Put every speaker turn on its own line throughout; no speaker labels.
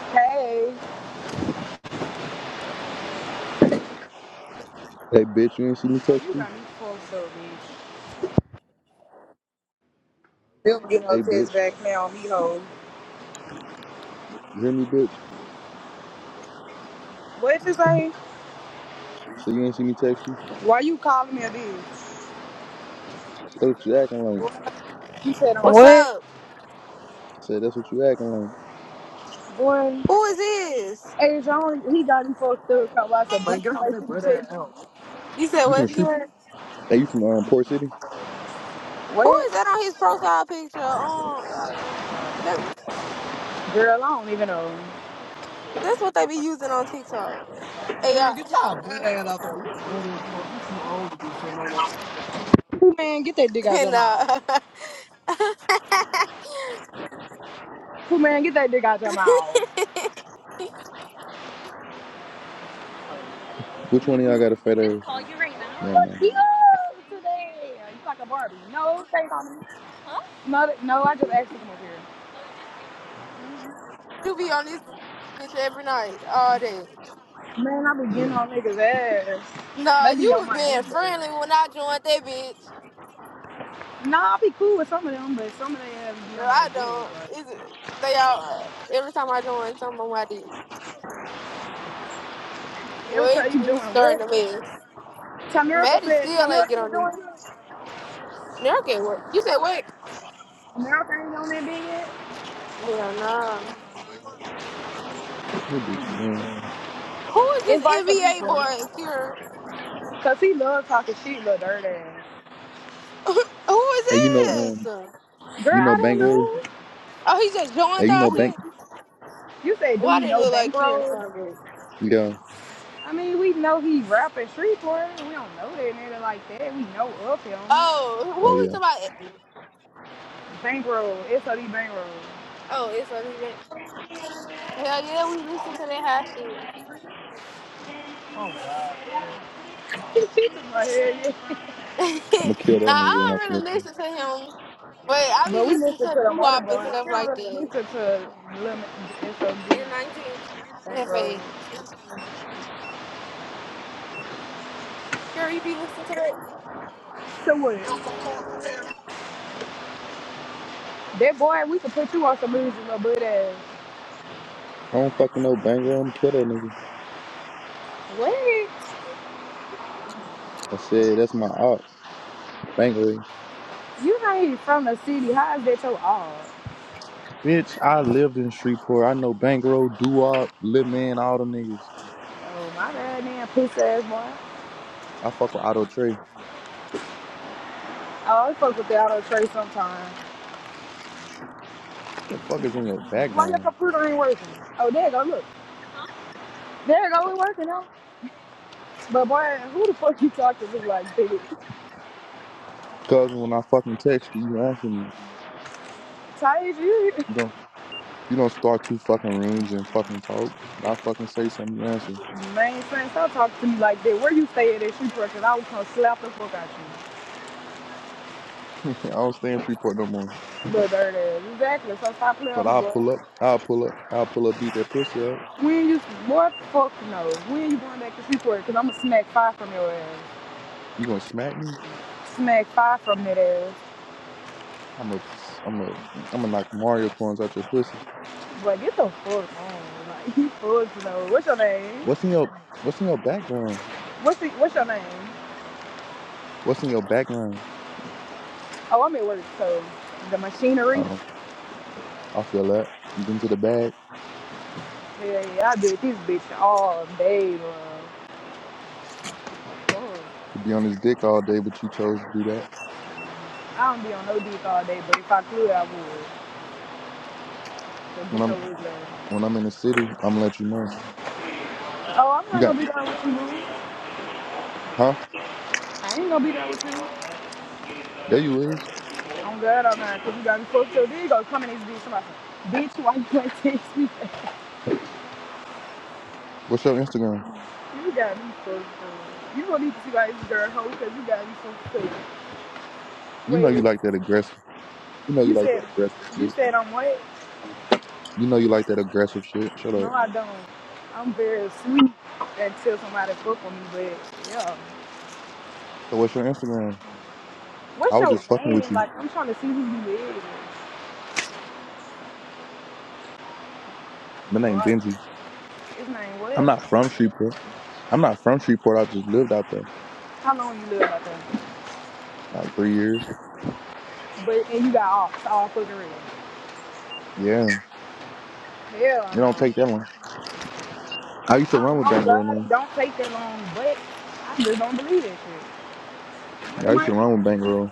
Hey. Oh,
Hey, bitch, you ain't see me
you
text you?
got me fucked up, bitch. Bill get no
Hey,
text
bitch,
back now, me hoe.
you hear me, bitch?
What you say?
So you ain't see me text you?
Why you calling me a bitch?
That's what you acting like.
You said on
What's
what?
up?
Say that's what you acting like.
Boy,
Who is this?
hey John, he got me fucked up. Talking about some
Man,
bitch
get
you
off
ain't
that
finna
butt ass
text me.
out. You said
You from
what?
Shrew?
Karen?
Hey, you from um, Port City?
Who
What?
is that on his profile picture? Um, that's
Girl, I don't even know.
that's what they be using on TikTok. Hey, Man, y'all. get your butt ass out there. You butt ass fuck. You too old to be shitting on that.
Who man, get that dick out
And
your mouth.
uh,
Who man, get that dick out your mouth.
Which one of y'all got a fat
Just
ass?
call you right now.
Never
Look
mind.
Cute today. You like a Barbie. No, stay on me. Huh? No, no, I just asked you to come up here.
you be on this bitch every night, all day.
Man, I be getting on niggas' ass.
Nah,
They be
you
on
was
my dick,
being friendly
though.
when I joined that bitch.
Nah, I be cool with some of them, but some of them ass be
No,
on my
I
dick.
don't.
Like,
It's, they all, every time I join, some of them I did.
every
Well, it
time
be
you doing
me starting the
what?
mess.
Tamerica
Maddie
says,
still ain't get
Tamerica ain't
on this.
doing it.
No, okay, what? You said what?
America ain't on that big yet.
Yeah, no.
You bitch, man.
Who is this
Invite some
NBA
people.
boy, Kira?
Because he love talking shit, little dirt ass.
Who is
Hey, you know
this?
um,
Oh,
Girl,
you
I
know
don't
Bankroll?
know.
he just
Hey,
joined
you
our
Do
know
we,
Bank?
shit?
you say, do
Why
we
did it
know
look like Kira?
Bankroll?
Yeah.
I mean, we know he rapping Shreveport. We don't know that nigga like that. We know of him.
Oh, who
Oh
we
yeah.
talking about?
Bankroll, SOD Bankroll.
Oh, it's on even. Hell yeah, we listen to that hot shit.
She took my head.
nah,
I'ma kill that nigga when I
I don't
catch
really
him.
listen to him, but I be
But we
listening
listened
to
to
doo
them other
wop and
boys.
stuff
We don't
like
really
that.
listen to Lemon SOD
And 19
Saint Rose.
FA. Girl, you be listening to that?
So what? That boy, we could put you on some music, little butt ass.
I don't fucking know Bankroll. I'ma kill that nigga.
What?
I said that's my op, Bankroll.
You not even from the city. How is that your all?
Bitch, I lived in Shreveport. I know Bankroll, Duop, Lil Man, all them niggas.
Oh, my bad, man. Pussy ass boy.
I fuck with Auto Trey.
Oh, I fuck with the auto tray sometimes.
What The fuck is in your
Why your
background?
computer ain't working? Oh, there you go. Look. There you go. It working now. But boy, who the fuck you talking to like, bitch?
Cause when I fucking text you, you answer me.
Tired you?
You don't you don't start two fucking rooms and fucking talk. And I fucking say something, you answer.
Man, son, stop talking to me like that. Where you stay at that shoe truck, and I was gonna slap the fuck out you.
I don't stay in Shreveport no more.
Little dirty ass. Exactly. So stop playing with
But
me,
I'll
boy.
pull up. I'll pull up. I'll pull up. Beat that pussy up.
When you, boy, fuck no. When you going back to street truck, because I'm gonna smack five from your ass.
You gonna smack me?
Smack five from that ass.
I'm a I'm a I'm gonna knock Mario coins out your pussy.
Boy, get the fuck on. Like, you fuck no. What's your name?
What's in your What's in your background?
What's the, what's your name?
What's in your background?
Oh, I'm at work, so the machinery.
Oh, I feel that. You get into the bag
Yeah, yeah, I did this bitch all day, bro. Fuck.
to be on his dick all day, but you chose to do that.
I don't be on no dick all day, but if I could, I would. So
When
get your
I'm
wig last.
when I'm in the city, I'm gonna let you know.
Oh, I'm
You
not
got
gonna be down with you, boo.
huh?
I ain't gonna be down with you.
There you is.
I'm glad I'm not, cause you got me fucked up. Then you gonna come in this bitch somebody say, bitch, why you ain't text me?
What's your Instagram?
You got me fucked up. You gonna need to see why this girl hoe, cause you got me fucked up.
You know you
Wait,
like that aggressive. You know you
you
like that
said,
aggressive
you
shit.
said I'm what?
You know you like that aggressive shit. Shut up.
No, I don't. I'm very sweet until somebody fuck with me, but yeah.
So what's your Instagram?
What's
I was
your
just fucking with
name?
you.
Like, I'm trying to see who you live with.
My name
Fuck.
Benji.
His name
I'm
what?
not from Shreveport. I'm not from Shreveport. I just lived out there
How long you live out there?
like three years.
But, and you got all, all fucking real.
Yeah.
Hell
It don't
no.
take that long. I used to
I do
run with
oh
Bankroll
God, it
now.
don't take that long, but I just don't believe that shit. But
Yeah,
it
I used to
might be
run with
true.
Bankroll.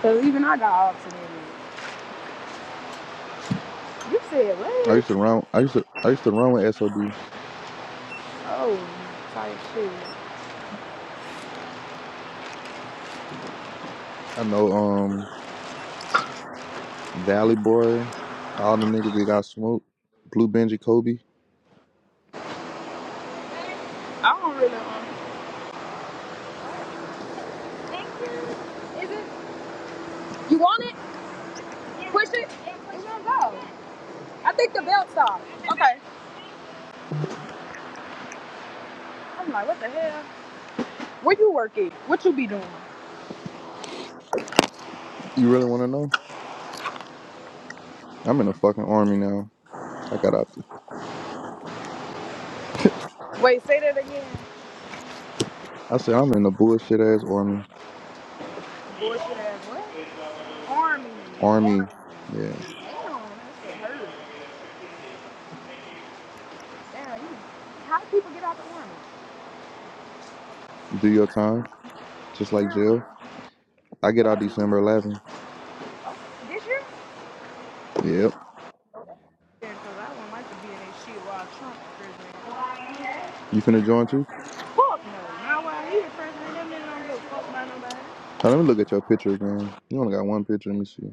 Cause even I got off to that bitch. You said
I
what?
used to run. I used to. I used to run with SOD.
Oh, type shit.
I know. Um, Valley Boy. All the niggas that got smoked. Blue Benji Kobe.
I don't really um, Thank you. Is it? You want it? Yeah. Push it? Yeah, push It's gonna go. Yeah. I think the belt's off. Okay. I'm like, what the hell? Where you work at? What you be doing?
You really want to know? I'm in the fucking army now. I got out there.
Wait, say that again.
I said, I'm in a bullshit ass army.
Bullshit ass what? Army. Army.
Army, yeah.
Damn, that shit hurt. Damn, you, how do people get out the army?
Do your time, just like
Damn,
jail. I get out December 11th.
this year?
Yep.
Yeah. Because I wouldn't like to be in that shit while Trump's president.
You finna join too?
Fuck No, no. not while he the president. Them niggas don't give a fuck about nobody.
Now, let me look at your picture again. You only got one picture. Let me see.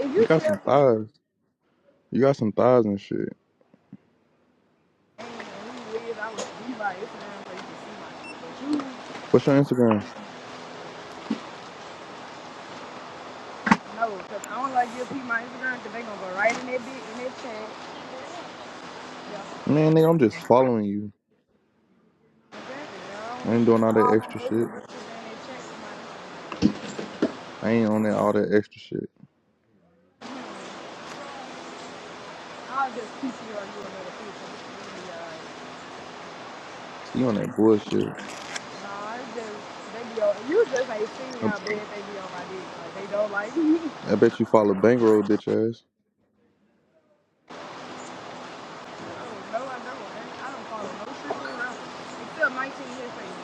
If you
You got
tell
some
me,
thighs. You got some thighs and shit.
And who live. I would be by Instagram so you can see my shit. But you
What's your Instagram?
know, because I don't like give peep my Instagram because they going to go right in that bitch in their chat. Yeah.
Man, nigga, I'm just following you.
Exactly. They
I
only
ain't doing
use
all that
all my
extra shit.
favorite bitches and they check my
I ain't on that all that extra shit.
I'll just PCR you another picture. yeah.
See you on that bullshit.
Nah, it's just they be on. You just ain't seen
I,
how bad they be on my dick. Like they don't like me.
I bet you follow Bankroll, bitch ass.
No, no, I don't. I don't follow no shit from rappers except 19 his face.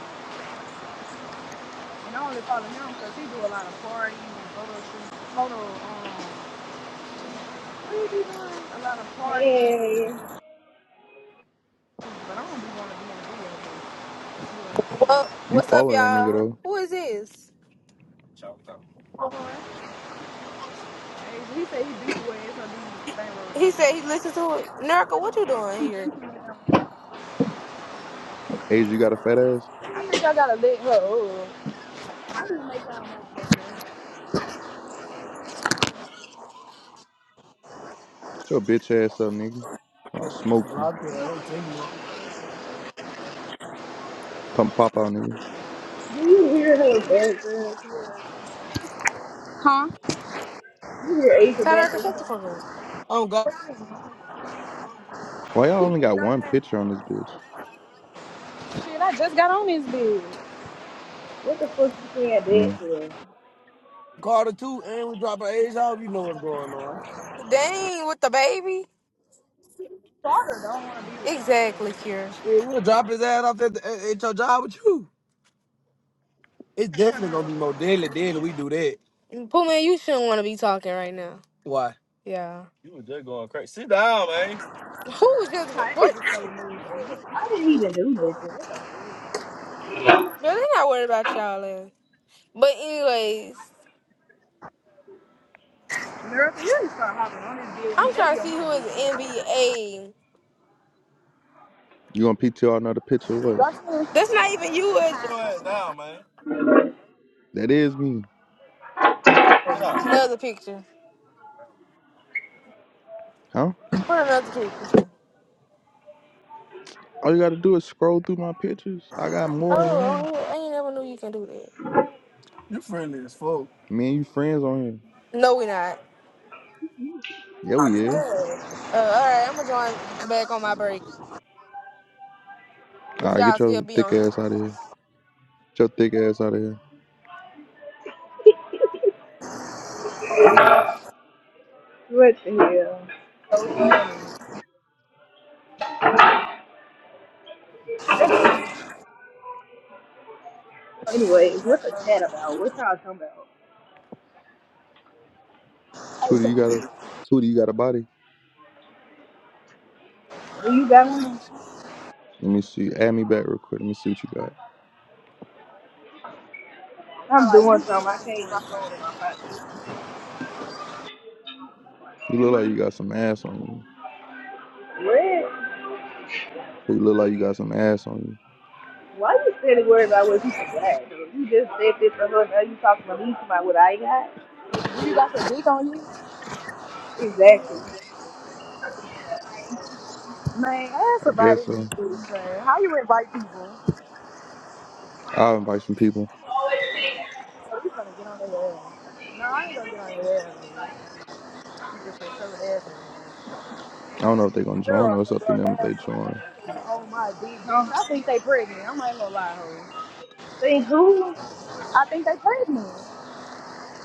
And I only follow him because he do a lot of parties and photo shoots. Photo, um, what he be doing? A lot of parties and
Hey,
shit. But I don't be want to be in the video. But you wanna see
Well,
it.
You
what's up,
follow that nigga
y'all?
though.
Who is this?
Hey, he say he beat your ass
He said
now.
he listened to it. Nerica, what you doing here?
Age, you got a fat ass?
I think I gotta let her up.
Shut your bitch ass up, nigga. I'll smoke you.
Tell
Come pop out, nigga.
do you hear her background? Clara?
Huh?
You hear Asia
Nerica, shut the
background?
fuck up. I'm got
Why y'all only got one picture on this bitch?
Shit, I just got on this bitch.
What the fuck you saying
Mm.
back for?
Carter too, and we drop our age off. You know what's going on. Dang, with the baby?
Carter don't want to be with
Exactly, Cure. Shit, we'll drop his ass off at, the, at, at your job with you. It's definitely
y'all.
gonna be more deadly than we do that. Pooh man, you shouldn't want to be talking right now. Why? Yeah. You was just going crazy. Sit down, man. Who was just go-
Hi, that
what?
bitch so mean.
I didn't even do nothing. What the fuck?
But they not worried about y'all. ass. But anyways,
America, you need start hopping on this deal with me.
I'm
They
trying
be
to
on
see
my
who is
dick.
NBA.
You gonna PTR another picture or what?
Watch this.
That's not even you. It's Sit your ass down, man.
That is me,
Sit down. another picture.
huh?
Put another picture.
All you gotta do is scroll through my pictures. I got more than one.
Oh, I ain't I ain't never knew you can do that. You friendly as fuck.
Me and you friends on here.
No, we not.
Yeah, we is.
Hey,
Uh, all right, I'm gonna join back on my break.
All
If
right, get
y'all still
your
be on.
thick ass out of here. Get your thick ass out of here.
What the hell?
So funny. I you
Anyways,
get
what the chat about? What y'all talking about?
Hey,
Tootie, you
so
got a Tootie, you got a body.
Do you got one?
Let me see. Add me back real quick. Let me see what you got.
I'm
like
doing
you
something. I
from
can't my phone in my pocket.
You look like you got some ass on you.
What?
You look like you got some ass on you.
Why you standing worried about what people got? You just said this for her. Now you talking to me about what I got?
Do you got some dick on you?
Exactly.
Man, ask
I
somebody
guess
in
so.
How you invite people?
I'll invite some people.
So we finna get on their ass. No, I ain't gonna get on their ass. man. You can for sure ass.
I don't know if they're gonna
man.
join
Girl,
or it's up to
girl,
them if they
ass.
join.
Oh my big bitch.
Huh?
I think they pregnant. I'm not even gonna lie, ho.
Think who?
I think they pregnant.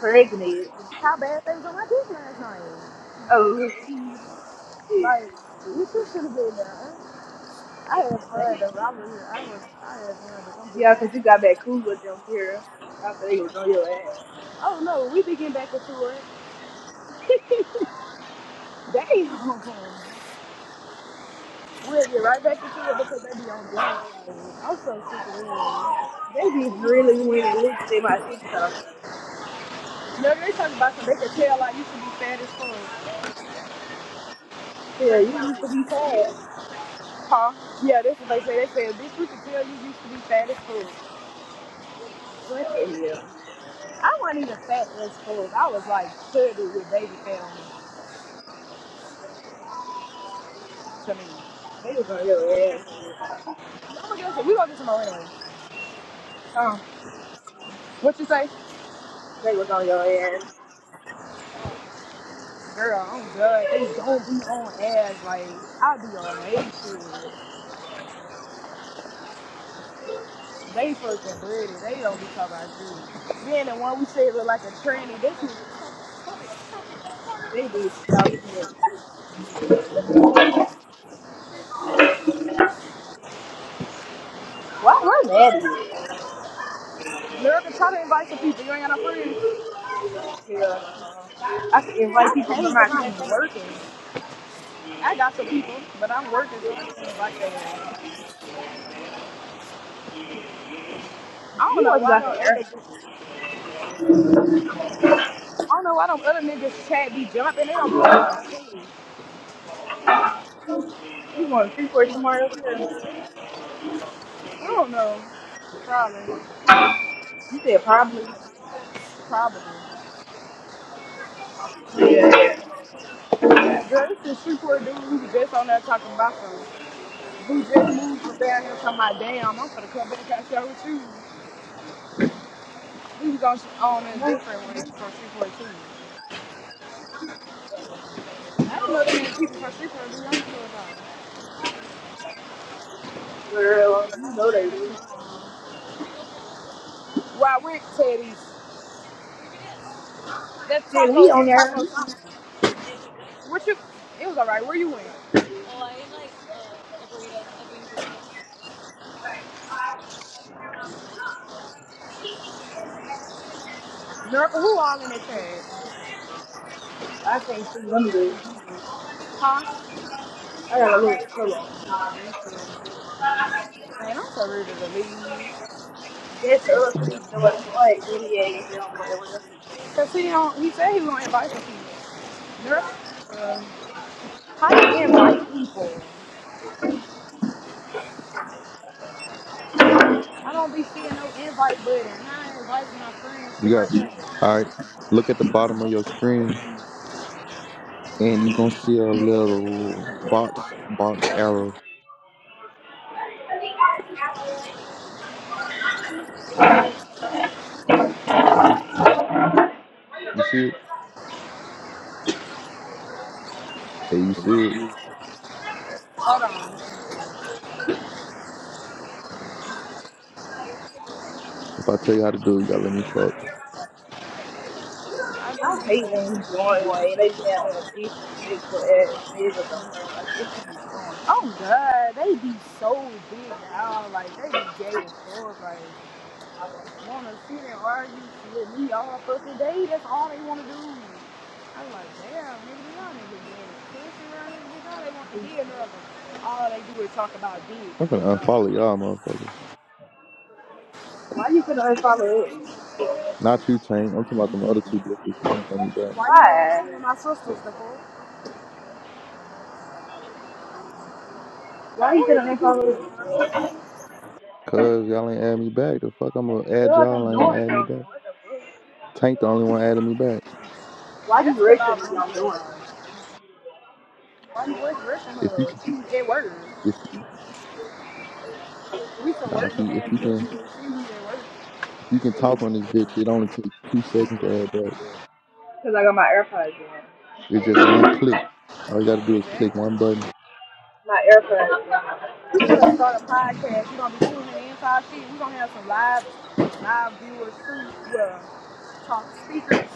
Pregnant.
How bad things were my kids last night.
Oh,
Like, these two should have been there. I had fun
They.
though. I was, I was, I had fun, but I'm
Yeah, 'cause you got back
bitches.
cool with them, Kira, after they was on your ass.
Oh no, we be getting back into it. Damn. We'll get right back into it because they be on big. I'm so sick of them.
They just really went and looked at my TikTok.
No, they talking about some, they can tell like you should be fat as fuck.
Yeah, you used to be sad.
Huh? Yeah, that's what they say. They said, bitch, we can tell you used to be fat as fuck.
What the hell?
I wasn't even fat as fuck. I was like 30 with baby fat on me,
They was on
to
your
me.
ass, Kira.
I'm gonna get we gonna get some more anyway.
Oh,
What you say?
they was on your ass.
Girl, I'm good. They don't be on ass. Like, I be on they shit. They fucking dirty. They don't be talking about shit. Then the one we said look like a tranny. This is,
They just talk too much. Why were mad at you?
America, try to invite some people. You ain't got no friends.
Yeah, I can invite
I
people from
can't
my
because I'm
campaign.
working. I got some people, but I'm working, so I can't invite them. I don't
You
know
want to go
why
out
them
on
other,
air?
I don't know why them other niggas chat be jumping. They don't be talking about shit.
You going to free for tomorrow, Kira?
I don't know. Probably.
You said probably.
Probably.
Yeah.
Girl, this is Shreveport dude who was just on there talking about some. Who just moved from down here talking about, damn, I'm gonna come back out there with you. We was on, on a different one from Shreveport too. I didn't know there many people from Shreveport. dude.
Girl, you know they do.
Where I went, Teddy's. That
Said we
taco,
on there.
taco, taco. What you, it was alright. Where you went? Oh, I ate like a a burrito, a bean burrito. Nurka, who all in this tag?
I can't see them. do.
Huh?
I gotta look. Hold on.
Man, I'm so rude to leave.
Just up to these doors. Like NBA and John Boy, whatever his name
Cause
is.
he don't, he said he was gonna invite some people. Nurka? Uh, How you invite people? I don't be seeing no invite button. How I invite my friends to
You
my
got
dinner?
all right. Look at the bottom of your screen and you gonna see a little box box arrow. You see it? Hey, you see it?
Hold on.
If I tell you how to do it, you gotta let me fuck.
I do
I
be
hate when John
like,
Wayne. They be having a disrespectful ass niggas on there. Like this should be boring.
oh god, they be so big now. Like they be gay as fuck. Like wanna see them argue with me all fucking day. That's all they wanna do. I was like, damn, nigga, y'all niggas gay. Pussy around this bitch, all they want to be another. All they do is talk about
I'm gonna
dick. Like,
unfollow y'all, motherfucker.
Why you couldn't unfollow him?
Not you, Tank. I'm talking about them other two bitches. They ain't add me back.
why you want to
Why?
follow my sisters, the fuck?
Why
Who
you
do you
couldn't
think he is?
unfollow him?
Cause y'all ain't add me back. The fuck I'm gonna add
Cause
y'all
I'm
and ain't
doing
add
something.
me back.
What the fuck?
Tank the only one adding me back.
Why
That's
you
because I
rushing
was
me?
going
I'm
through it
doing
all.
something.
I'm with Russian
If you can
hood at work.
if
We some
nah, if
working
you if
ass
you can
bitches that see me at work.
if you can talk on this bitch, it only takes two seconds to add back.
Cause I got my AirPods in.
It's just one click. All you got to do is click
Exactly.
one button.
My AirPods.
We gonna start a podcast. We're gonna be tuning in to our shit. We're gonna have some live live viewers too. Yeah. Talk speakers.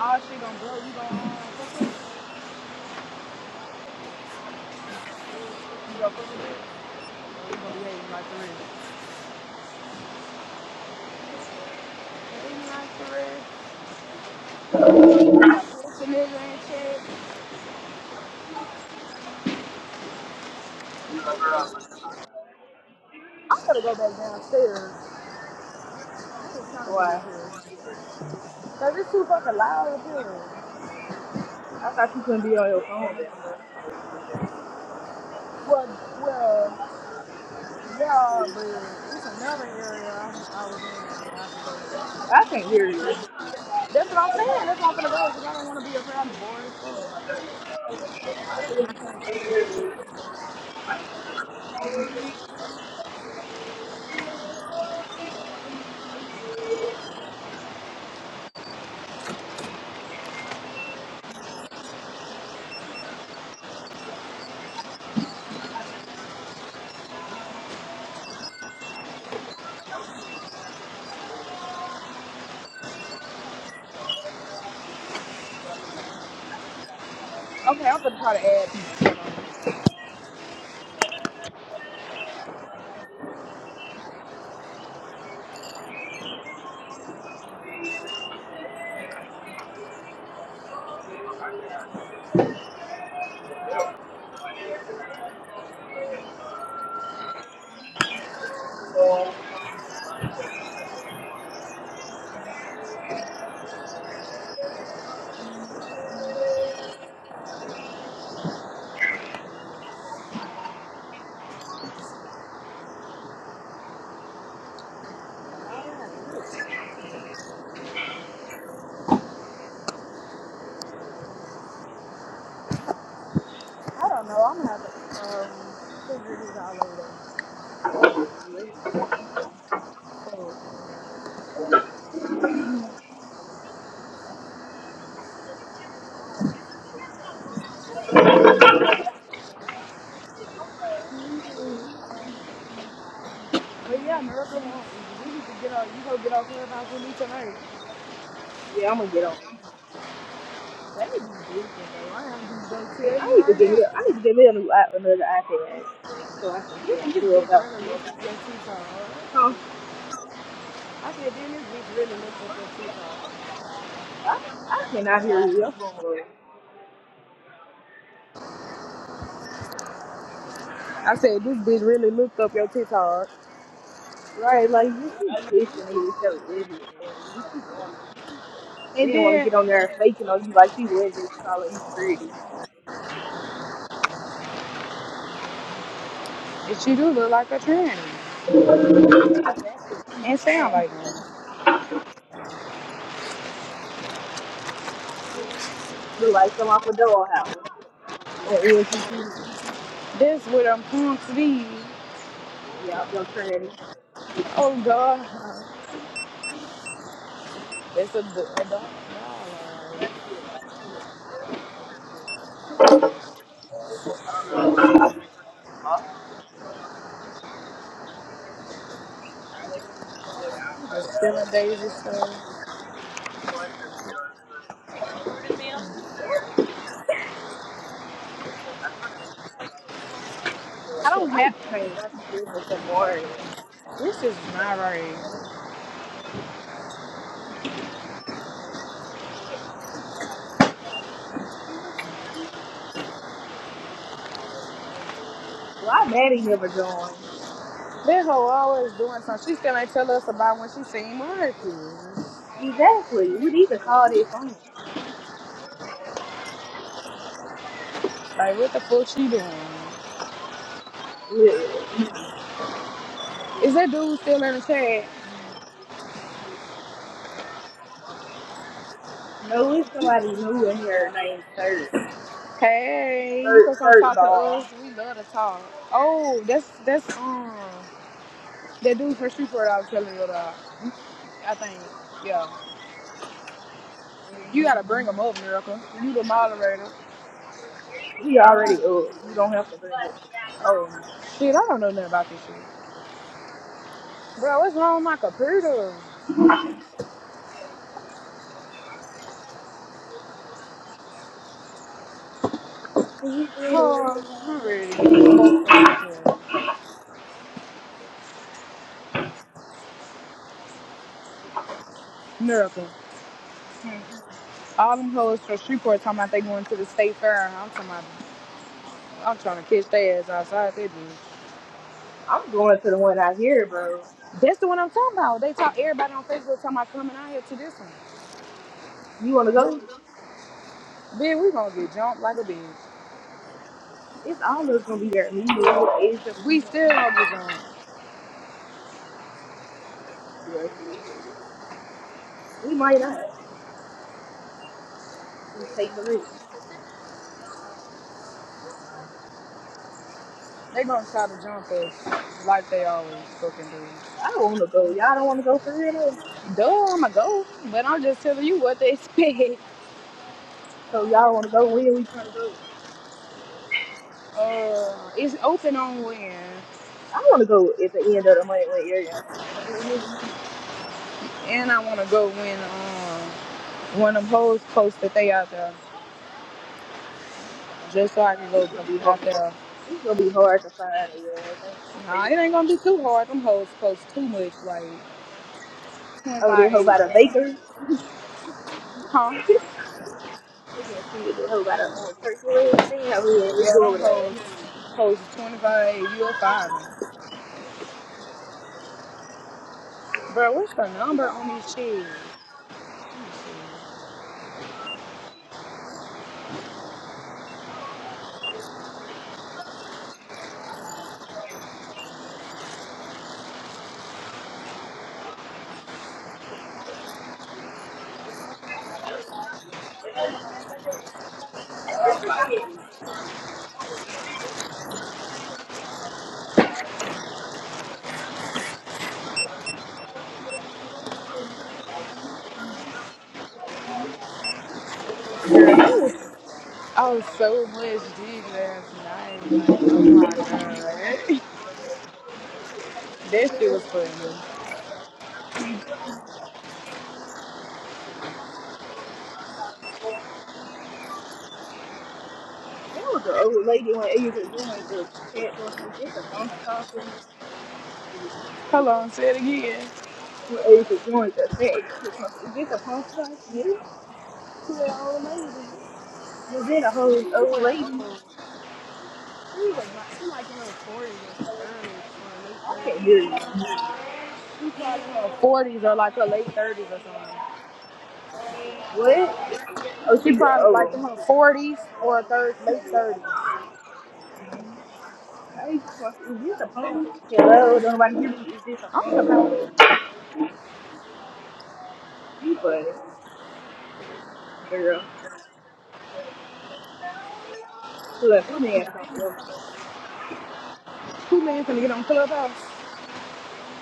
all shit gonna blow. We gonna um, fuck with it. We gonna fuck with it. We gonna be hating like the rest. We got pussy nigga and shit.
In.
I'm gonna go back downstairs. I ain't trying to be up
Why?
here. Cause it's too fucking loud up here.
I thought you couldn't be on your phone then.
Well, well, Yeah, but it's another area I was, I was in that I could go
I can't hear you.
to. That's what I'm saying. That's why I'm gonna go because I don't want to be around bored. Okay, I'm gonna try to add I don't know. I'm gonna have to um, figure this out later. So, but yeah, Miracle, we need to get on. You go get on Clubhouse with me tonight.
Yeah, I'm gonna get on.
That nigga be bitching though. I am just gonna tell
I
you
need to
right
get
now.
me. I need to get me a new app, another iPad, so I can
You
be on
think this bitch
Clubhouse.
really look at your TikTok. alright?
Huh?
I said, then this bitch really looked up your TikTok.
I, I cannot hear you. Your phone low.
I said, this bitch really looked up your TikTok.
Right, like you keep pushing me with your widget. You keep doing it. You
And
didn't want to
then.
get on there faking on you like she was just calling you pretty.
But you do look like a tranny
That's actually too
and sound
bad.
like one.
Look like some off a dollhouse on ENTP.
That's what I'm going be.
Yeah, I'm gonna turn that in.
Oh God, It's a good adult. Just feeling Daisy stuff. I
Okay,
don't
I
have.
need to change my skills or some more.
This is my rage.
Why Maddie never joined?
That hoe always doing something. She still ain't tell us about when she seen Marcus.
Exactly. We need to call their phone.
Like what the fuck she doing?
Literally.
Is that dude still in the chat?
No, it's somebody new in here named Third.
Hey, you can
Third,
come
third
talk to
ball.
us. We love to talk. Oh, that's that's um that dude from Streetport I was telling you about. I think. Yeah. You gotta bring them up, Miracle. You the moderator.
He already up. You don't have to bring it.
Oh, shit, I don't know nothing about this shit. Bro, what's wrong with my computer? Oh, I'm ready to get the fuck up here. Miracle.
Hmm.
All them hoes from Shreveport talking about they going to the state fair. I'm talking about, I'm trying to catch their ass outside that bitch.
I'm going to the one out here, bro.
That's the one I'm talking about. They talk, everybody on Facebook talking about coming out here to this one.
You want to go?
Then we gonna get jumped like a bitch.
It's all of us gonna be there. Me, you, Asia,
We
female.
still gonna get jumped.
Like, shit. We might not. We take the risk.
They gonna try to jump us like they always fucking do.
I don't want to go. Y'all don't want to go for real though.
Duh, I'ma go. But I'm just telling you what they expect.
So y'all want to go? When we trying to go?
Uh, it's open on when,
I want to go at the end of the month when area. I'm gonna come in here.
and I wanna go when um one of them hoes post that they out there, just so I can go
This gonna be hard.
out there.
It's gonna be hard to find it. Yeah, I ain't gonna
Nah,
say it.
it ain't gonna be too hard. Them hoes post too much, like
Oh, they hoe by
25,
the bakers.
huh?
we gonna see if they hoe by the old turkey leg stand. Oh yeah,
Yeah,
let's go
them
over there.
hoes post 25. You a five, bro? What's the number
Yeah.
on these shit? Girl, they was I was so much deep last night. Like, oh my god, that shit was funny.
There was an old lady when Asia joined the pants on is this a punk costume?
Hold on, say it again.
When Asia joined the pants, on. is this a punk costume? Was it a whole old lady? I can't hear you.
She probably in her forties or like her late thirties or something.
What? Oh,
She
she go.
probably like
Oh,
in her forties or third late thirties.
hey, is this a phone? Hello, don't nobody hear me. Is this a
I'm gonna go.
phone? You funny, girl. Look, put me at something else though.
Two men finna get on Clubhouse.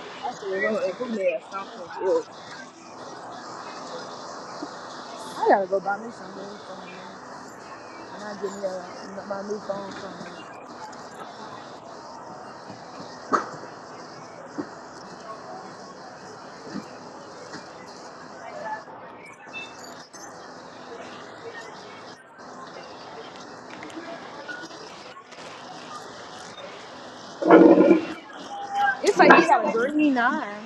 I said, Lord, put me at something else.
I gotta go buy me some new phone and I get me a, my new phone from It's like you got a green nine.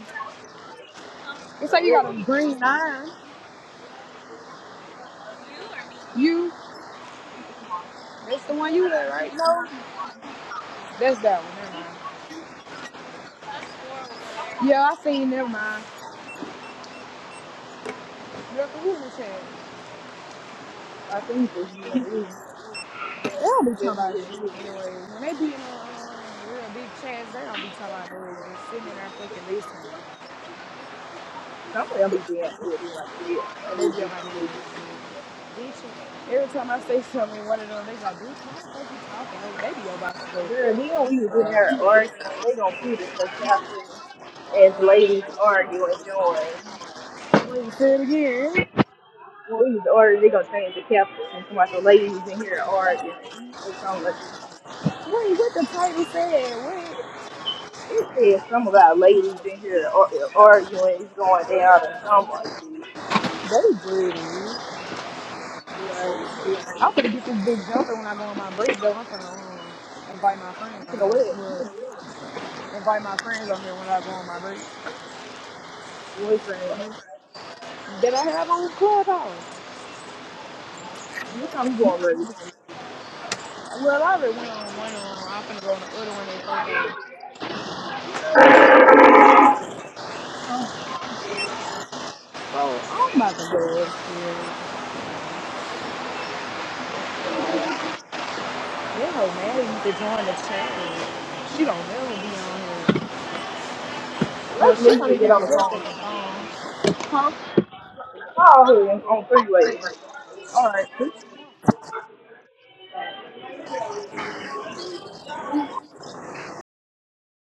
It's like you got a green nine. You, that's the one you with, right? No, that's that one. Never mind. Yeah, I seen. Never mind. Look who in the
I think just me and
chat.
you.
They don't be talking
Just
about
me and
shit
you.
anyway. When they be in a um, real big chats, they don't be talking about nothing. Just sitting in there fucking listening.
Somebody will be damn good. You like me. Oh, be a
And
a
they
whole
be on my
decent person.
business. Bitch, every time I say something, one of them, they like, bitch, why the fuck you talking? Like, they be about to
Girl, then we was in there arguing. They gonna put it so captain as ladies arguing, join.
go, wait, say it again.
Well, we was arguing, they gonna change the captain and some like the ladies in here arguing or something like that.
Wait, what the title said? Wait.
It said some about ladies in here ar- arguing is going down or something like
They breeding.
that. Like,
I'm gonna get this big jumper when I go on my break, though. I'm gonna um, invite my friends
you
on
know
here.
what?
Well, invite my friends on here when I go on my break.
boyfriend.
Then I have on Clubhouse.
What time you going, baby?
Well, I already went on one of them. I'm finna go on the other one at 4:30.
Huh?
I'm about to go upstairs. That hoe mad at you to join the chat. She don't never be on here. Well,
Let's
she
leave
only
and get on the
downstairs for
phone.
Huh?
Call her on three way.
All right.